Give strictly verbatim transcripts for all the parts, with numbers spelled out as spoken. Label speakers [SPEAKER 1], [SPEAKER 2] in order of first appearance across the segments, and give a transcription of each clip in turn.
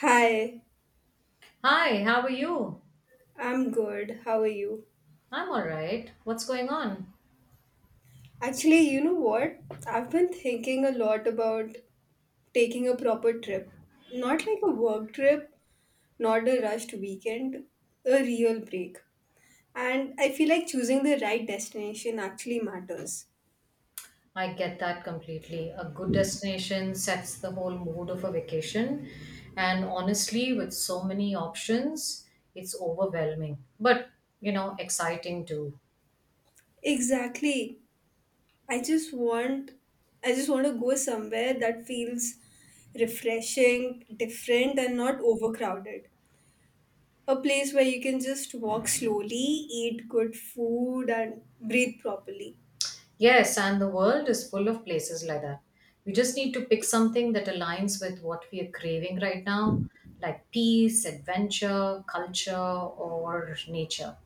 [SPEAKER 1] Hi,
[SPEAKER 2] Hi, how are you?
[SPEAKER 1] I'm good. How are you?
[SPEAKER 2] I'm all right. What's going on?
[SPEAKER 1] Actually, you know what? I've been thinking a lot about taking a proper trip. Not like a work trip, not a rushed weekend, a real break. And I feel like choosing the right destination actually matters.
[SPEAKER 2] I get that completely. A good destination sets the whole mood of a vacation, and honestly, with so many options, it's overwhelming, but you know, exciting too.
[SPEAKER 1] Exactly. I just want I just want to go somewhere that feels refreshing, different and not overcrowded. A place where you can just walk slowly, eat good food, and breathe properly.
[SPEAKER 2] Yes, and the world is full of places like that. We just need to pick something that aligns with what we are craving right now, like peace, adventure, culture, or nature.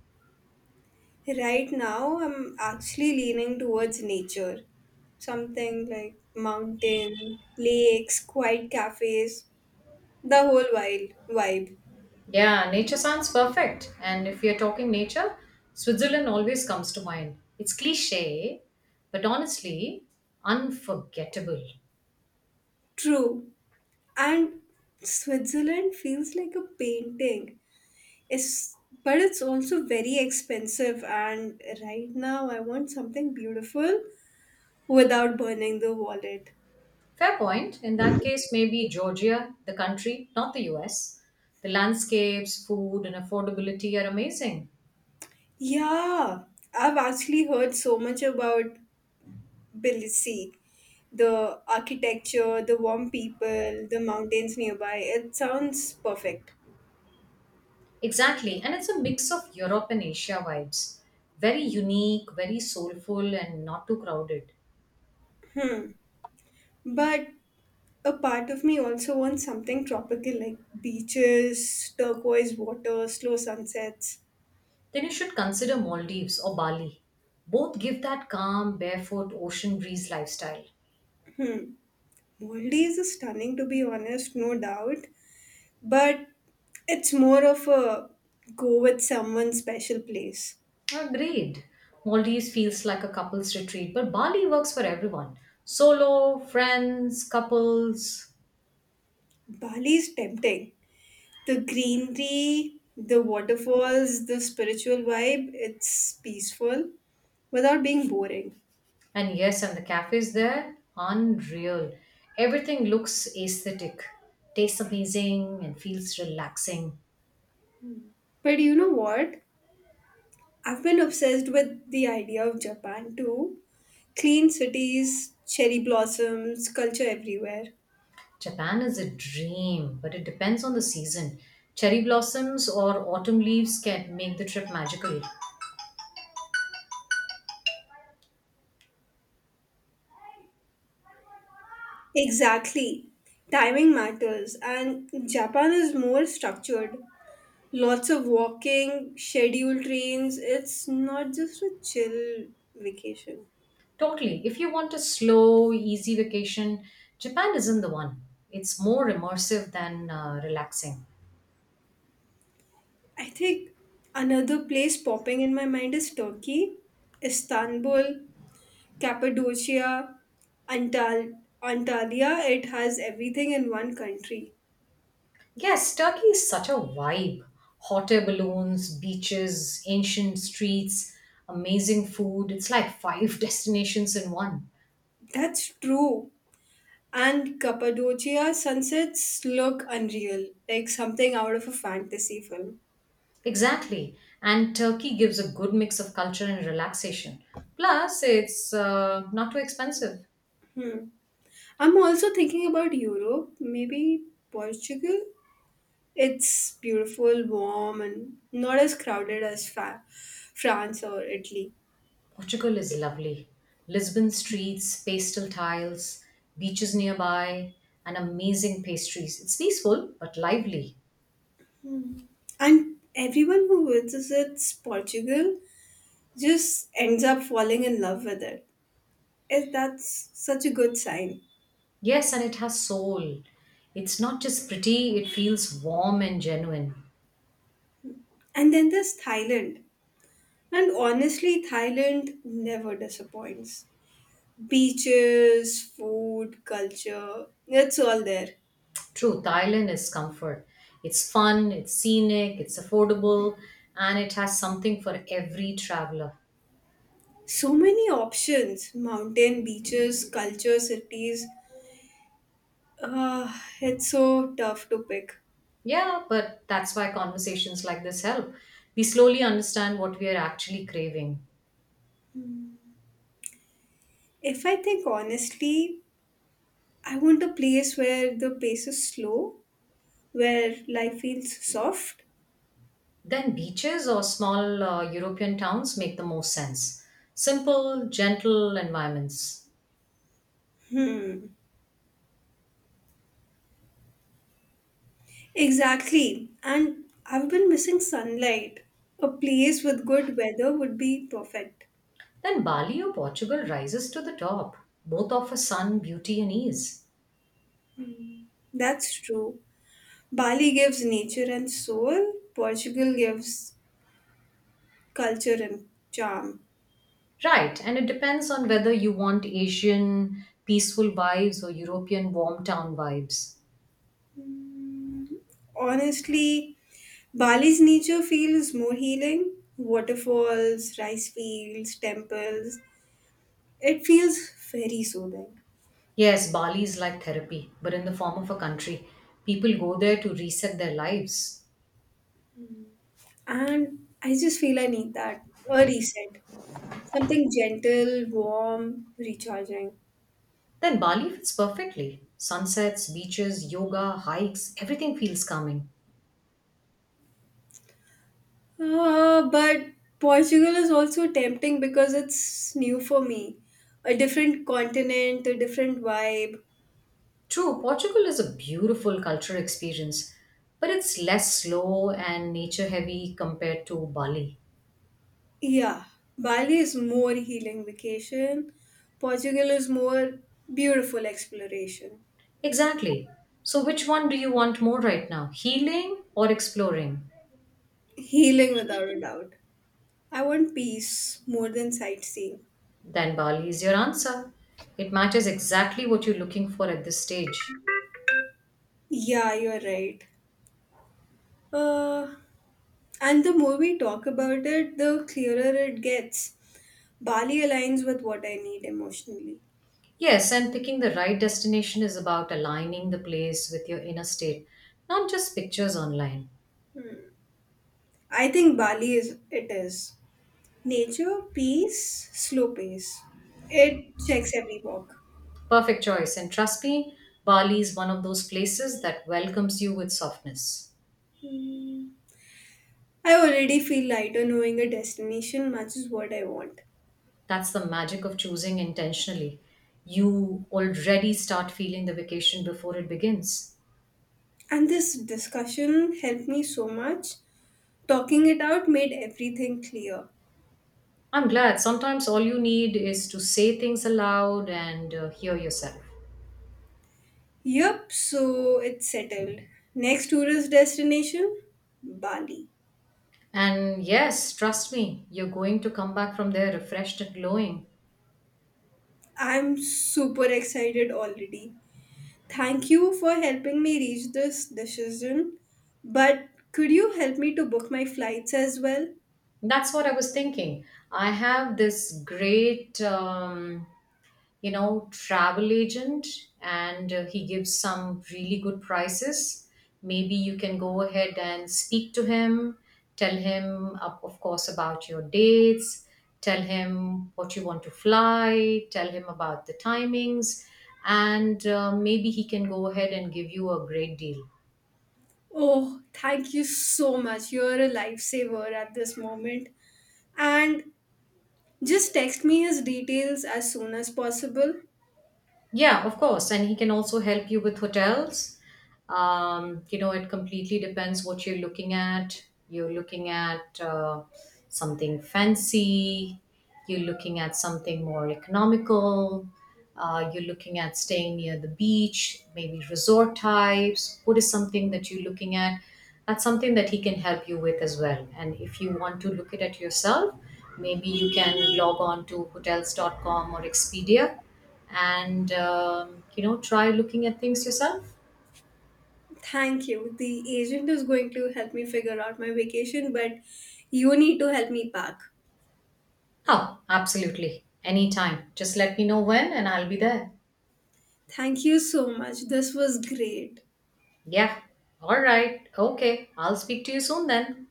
[SPEAKER 1] Right now, I'm actually leaning towards nature, something like mountain, lakes, quiet cafes, the whole wild vibe.
[SPEAKER 2] Yeah, nature sounds perfect. And if you're talking nature, Switzerland always comes to mind. It's cliche, but honestly, unforgettable.
[SPEAKER 1] True, and Switzerland feels like a painting. It's But it's also very expensive, and right now I want something beautiful without burning the wallet.
[SPEAKER 2] Fair point. In that case, maybe Georgia, the country, not the U S. The landscapes, food, and affordability are amazing.
[SPEAKER 1] Yeah, I've actually heard so much about Tbilisi. The architecture, the warm people, the mountains nearby. It sounds perfect.
[SPEAKER 2] Exactly. And it's a mix of Europe and Asia vibes. Very unique, very soulful, and not too crowded.
[SPEAKER 1] But a part of me also wants something tropical like beaches, turquoise water, slow sunsets.
[SPEAKER 2] Then you should consider Maldives or Bali. Both give that calm, barefoot, ocean breeze lifestyle.
[SPEAKER 1] Hmm, Maldives is stunning to be honest, no doubt. But it's more of a go with someone special place.
[SPEAKER 2] Agreed. Maldives feels like a couple's retreat, but Bali works for everyone solo, friends, couples.
[SPEAKER 1] Bali is tempting. The greenery, the waterfalls, the spiritual vibe, it's peaceful without being boring.
[SPEAKER 2] And yes, and the cafes there, unreal. Everything looks aesthetic, tastes amazing, and feels relaxing.
[SPEAKER 1] But you know what? I've been obsessed with the idea of Japan too. Clean cities, cherry blossoms, culture everywhere.
[SPEAKER 2] Japan is a dream, but it depends on the season. Cherry blossoms or autumn leaves can make the trip magical.
[SPEAKER 1] Exactly. Timing matters, and Japan is more structured. Lots of walking, scheduled trains. It's not just a chill vacation.
[SPEAKER 2] Totally. If you want a slow, easy vacation, Japan isn't the one. It's more immersive than uh, relaxing.
[SPEAKER 1] I think another place popping in my mind is Turkey, Istanbul, Cappadocia, Antal- Antalya. It has everything in one country.
[SPEAKER 2] Yes, Turkey is such a vibe. Hot air balloons, beaches, ancient streets, amazing food. It's like five destinations in one.
[SPEAKER 1] That's true. And Cappadocia sunsets look unreal, like something out of a fantasy film.
[SPEAKER 2] Exactly. And Turkey gives a good mix of culture and relaxation. Plus, it's uh, not too expensive.
[SPEAKER 1] Hmm. I'm also thinking about Europe, maybe Portugal. It's beautiful, warm, and not as crowded as fa- France or Italy.
[SPEAKER 2] Portugal is lovely. Lisbon streets, pastel tiles, beaches nearby, and amazing pastries. It's peaceful but lively.
[SPEAKER 1] Mm. And everyone who visits Portugal just ends up falling in love with it. It- That's such a good sign.
[SPEAKER 2] Yes, and it has soul. It's not just pretty, it feels warm and genuine.
[SPEAKER 1] And then there's Thailand. And honestly, Thailand never disappoints. Beaches, food, culture, it's all there.
[SPEAKER 2] True, Thailand is comfort. It's fun, it's scenic, it's affordable, and it has something for every traveler.
[SPEAKER 1] So many options, mountain, beaches, culture, cities. Uh, it's so tough to pick.
[SPEAKER 2] Yeah, but that's why conversations like this help. We slowly understand what we are actually craving.
[SPEAKER 1] If I think honestly, I want a place where the pace is slow, where life feels soft.
[SPEAKER 2] Then beaches or small uh, European towns make the most sense. Simple, gentle environments.
[SPEAKER 1] Hmm. Exactly. And I've been missing sunlight. A place with good weather would be perfect.
[SPEAKER 2] Then Bali or Portugal rises to the top. Both offer sun, beauty, and ease.
[SPEAKER 1] That's true. Bali gives nature and soul, Portugal gives culture and charm.
[SPEAKER 2] Right, and it depends on whether you want Asian peaceful vibes or European warm town vibes.
[SPEAKER 1] Hmm. Honestly, Bali's nature feels more healing. Waterfalls, rice fields, temples. It feels very soothing.
[SPEAKER 2] Yes, Bali is like therapy, but in the form of a country. People go there to reset their lives.
[SPEAKER 1] And I just feel I need that, a reset, something gentle, warm, recharging.
[SPEAKER 2] Then Bali fits perfectly. Sunsets, beaches, yoga, hikes, everything feels calming.
[SPEAKER 1] Uh, but Portugal is also tempting because it's new for me. A different continent, a different vibe.
[SPEAKER 2] True, Portugal is a beautiful cultural experience, but it's less slow and nature heavy compared to Bali.
[SPEAKER 1] Yeah, Bali is more healing vacation. Portugal is more beautiful exploration.
[SPEAKER 2] Exactly. So, which one do you want more right now, healing or exploring?
[SPEAKER 1] Healing without a doubt. I want peace more than sightseeing.
[SPEAKER 2] Then Bali is your answer. It matches exactly what you're looking for at this stage.
[SPEAKER 1] Yeah, you're right. Uh, And the more we talk about it, the clearer it gets. Bali aligns with what I need emotionally.
[SPEAKER 2] Yes, and picking the right destination is about aligning the place with your inner state, not just pictures online.
[SPEAKER 1] I think Bali is it is. Nature, peace, slow pace. It checks every walk.
[SPEAKER 2] Perfect choice, and trust me, Bali is one of those places that welcomes you with softness.
[SPEAKER 1] Hmm. I already feel lighter knowing a destination matches what I want.
[SPEAKER 2] That's the magic of choosing intentionally. You already start feeling the vacation before it begins.
[SPEAKER 1] And this discussion helped me so much. Talking it out made everything clear.
[SPEAKER 2] I'm glad sometimes all you need is to say things aloud and uh, hear yourself.
[SPEAKER 1] Yup, so it's settled. Next tourist destination, Bali.
[SPEAKER 2] And yes, trust me, you're going to come back from there refreshed and glowing.
[SPEAKER 1] I'm super excited already. Thank you for helping me reach this decision. But could you help me to book my flights as well?
[SPEAKER 2] That's what I was thinking. I have this great um, you know travel agent, and uh, he gives some really good prices. Maybe you can go ahead and speak to him. Tell him, of of course, about your dates. Tell him what you want to fly, tell him about the timings, and uh, maybe he can go ahead and give you a great deal.
[SPEAKER 1] Oh, thank you so much. You're a lifesaver at this moment. And just text me his details as soon as possible.
[SPEAKER 2] Yeah, of course, and he can also help you with hotels. Um, you know it completely depends what you're looking at. You're looking at uh, something fancy, you're looking at something more economical, uh, you're looking at staying near the beach, maybe resort types. What is something that you're looking at? That's something that he can help you with as well. And if you want to look it at yourself, maybe you can log on to hotels dot com or expedia, and um, you know try looking at things yourself.
[SPEAKER 1] Thank you. The agent is going to help me figure out my vacation, but you need to help me pack.
[SPEAKER 2] Oh, absolutely. Anytime. Just let me know when and I'll be there.
[SPEAKER 1] Thank you so much. This was great.
[SPEAKER 2] Yeah. All right. Okay. I'll speak to you soon then.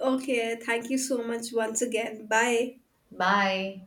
[SPEAKER 1] Okay, thank you so much once again. Bye.
[SPEAKER 2] Bye.